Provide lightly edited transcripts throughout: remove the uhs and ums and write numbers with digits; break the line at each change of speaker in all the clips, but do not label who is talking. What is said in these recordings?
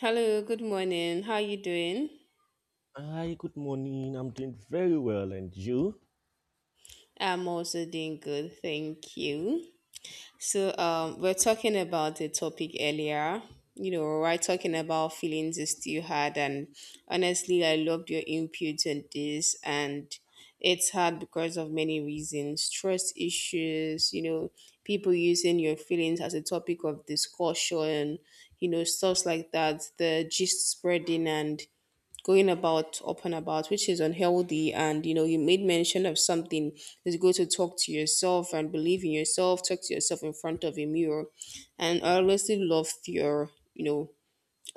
Hello, good morning. How you doing?
Hi, good morning. I'm doing very well, and you?
I'm also doing good, thank you. So, we're talking about the topic earlier. You know, we're talking about feelings is still hard, and honestly, I loved your input on this. And it's hard because of many reasons, trust issues. You know, people using your feelings as a topic of discussion. You know, stuff like that. The gist spreading and going about open about which is unhealthy, and you know you made mention of something is go to talk to yourself and believe in yourself, talk to yourself in front of a mirror. And I honestly love your you know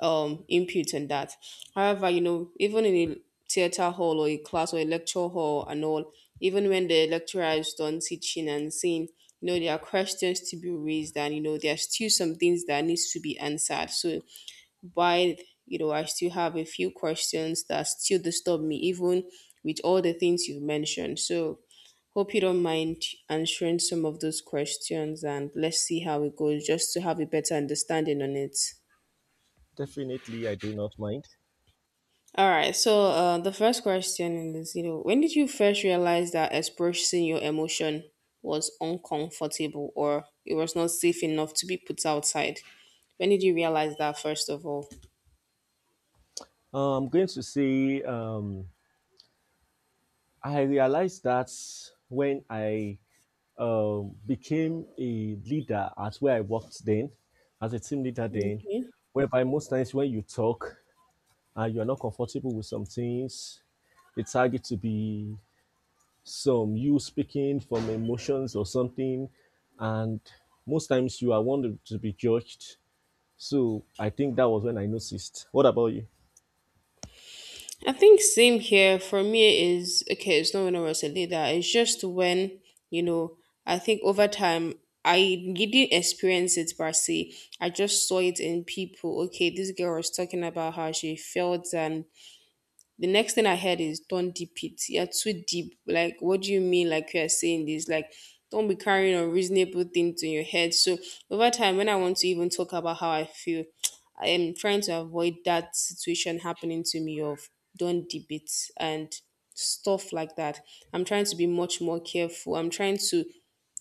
um input on that. However, you know, even in a theater hall or a class or a lecture hall and all, even when the lecturer is done teaching and saying, you know, there are questions to be raised, and you know there are still some things that needs to be answered. So while, you know, I still have a few questions that still disturb me even with all the things you've mentioned. So hope you don't mind answering some of those questions and let's see how it goes, just to have a better understanding on it.
Definitely, I do not mind.
All right. So the first question is, you know, when did you first realize that expressing your emotion was uncomfortable or it was not safe enough to be put outside? When did you realize that first of all?
I'm going to say I realized that when I became a leader at where I worked then, as a team leader then,
Okay.
whereby most times when you talk and you're not comfortable with some things, it's target to be some you speaking from emotions or something, and most times you are wanted to be judged. So I think that was when I noticed. What about you?
I think same here for me is okay, it's not when I was a leader, it's just when, you know, I think over time I didn't experience it per se. I just saw it in people. Okay, this girl was talking about how she felt and the next thing I heard is don't deep it. You're too deep. Like, what do you mean? Like you are saying this? Like, don't be carrying unreasonable things in your head. So over time, when I want to even talk about how I feel, I am trying to avoid that situation happening to me of don't deep it and stuff like that. I'm trying to be much more careful. I'm trying to,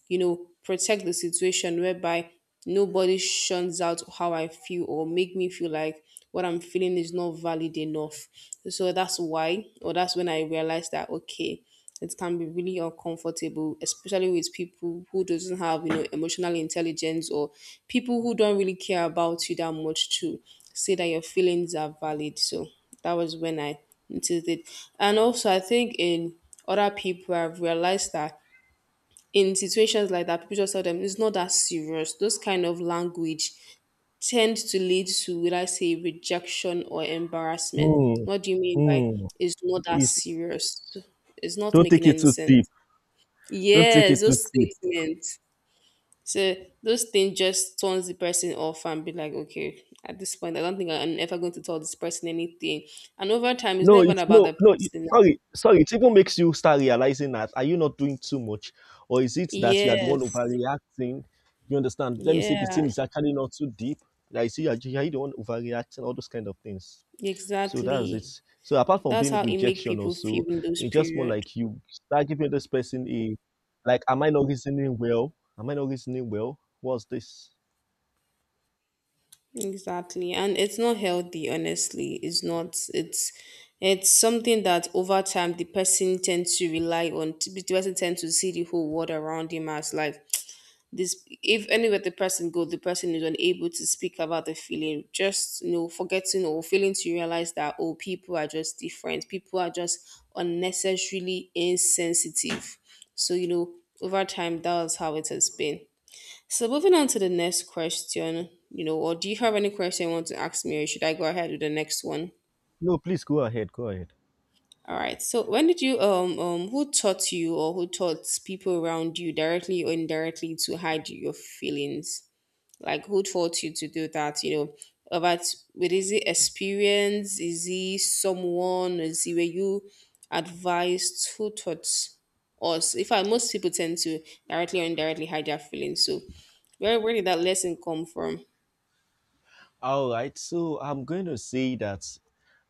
you know, protect the situation whereby nobody shuns out how I feel or make me feel like what I'm feeling is not valid enough. So that's why, or that's when I realized that okay, it can be really uncomfortable, especially with people who doesn't have, you know, emotional intelligence, or people who don't really care about you that much to say that your feelings are valid. So that was when I noticed it, and also I think in other people, I've realized that in situations like that, people just tell them it's not that serious. Those kind of language tend to lead to, would I say, rejection or embarrassment.
Mm,
What do you mean by
mm.
it's not that
It's,
serious? It's not
don't take
making
it
any
too
sense.
deep. Don't take
Yes,
it too
those
deep.
statements. So those things just turns the person off and be like, okay, at this point, I don't think I'm ever going to tell this person anything. And over time, it's
No,
never
it's
about
no,
the
no. It,
person.
sorry. It even makes you start realizing that are you not doing too much, or is it that you are the one
Yes.
overreacting? You understand? Let me say the
Yeah,
thing is actually not too deep. Like, see, are you the one overreacting? All those kind of things. So that's it.
exactly.
So apart from
That's
being
how it make
rejection
people feel
also,
in those
it's just more
period.
like you start giving this person a like, am I not reasoning well? Am I not reasoning well? What's this?
Exactly. And it's not healthy, honestly. It's not it's something that over time the person tends to rely on, the person tends to see the whole world around him as like this. If anywhere the person goes, the person is unable to speak about the feeling, just, you know, forgetting or failing to realize that oh, people are just different. People are just unnecessarily insensitive. So, you know, over time that's how it has been. So moving on to the next question, you know, or do you have any question you want to ask me, or should I go ahead with the next one?
No, please go ahead. Go ahead.
All right. So when did you who taught you, or who taught people around you directly or indirectly to hide your feelings? Like who taught you to do that? You know, about with, is it experience? Is it someone? Is it, were you advised? Who taught us? In fact, most people tend to directly or indirectly hide their feelings. So where did that lesson come from?
All right. So I'm going to say that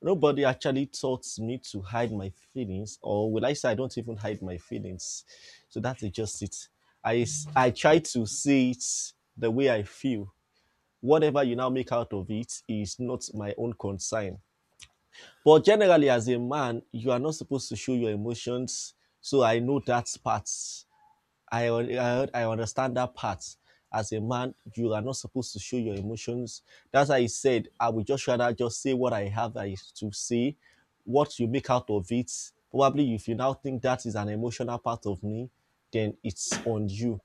nobody actually taught me to hide my feelings, or will I say I don't even hide my feelings? So that's just it. I try to say it the way I feel. Whatever you now make out of it is not my own concern. But generally, as a man, you are not supposed to show your emotions. So I know that part. I understand that part. As a man, you are not supposed to show your emotions. That's why I said I would just rather just say what I have I to say. What you make out of it, probably if you now think that is an emotional part of me, then it's on you.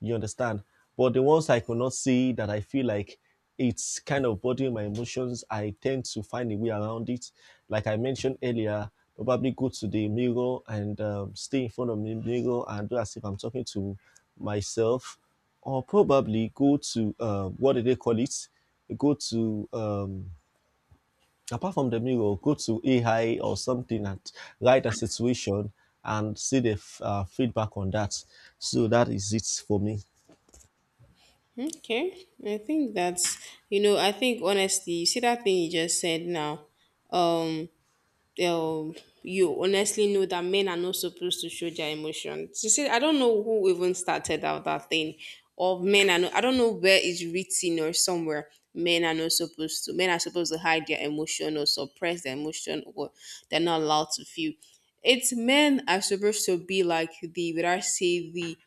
You understand? But the ones I could not see that I feel like it's kind of bothering my emotions, I tend to find a way around it. Like I mentioned earlier, probably go to the mirror and stay in front of the mirror and do as if I'm talking to myself, or probably go to what do they call it? Go to apart from the mirror, go to AI or something and write a situation and see the feedback on that. So that is it for me.
Okay, I think that's, you know, I think honestly, you see that thing you just said now. Um, um, you honestly know that men are not supposed to show their emotions. You see, I don't know who even started out that thing of men are. Not, I don't know where it's written or somewhere. Men are not supposed to. Men are supposed to hide their emotion or suppress their emotion, or they're not allowed to feel. It's men are supposed to be like the, would I say, the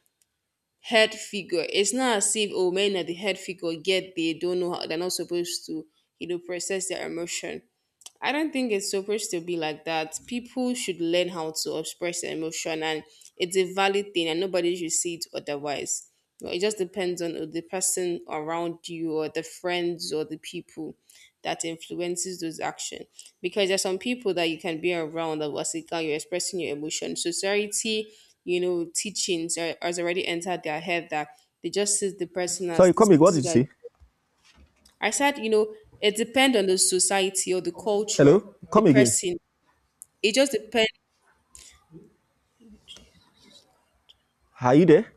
head figure. It's not as if oh men are the head figure, yet they don't know how they're not supposed to, you know, process their emotion. I don't think it's supposed to be like that. People should learn how to express their emotion, and it's a valid thing, and nobody should see it otherwise. You, it just depends on the person around you, or the friends, or the people that influences those action. Because there's some people that you can be around that was like, "Ah, you're expressing your emotion." Society, you know, teachings are, has already entered their head that they just see the person as
Sorry,
this
come again. What
this
did you
guy.
say?
I said, you know, it depends on the society or the culture,
Hello?
the
Come again.
person. It just depends
Are you there?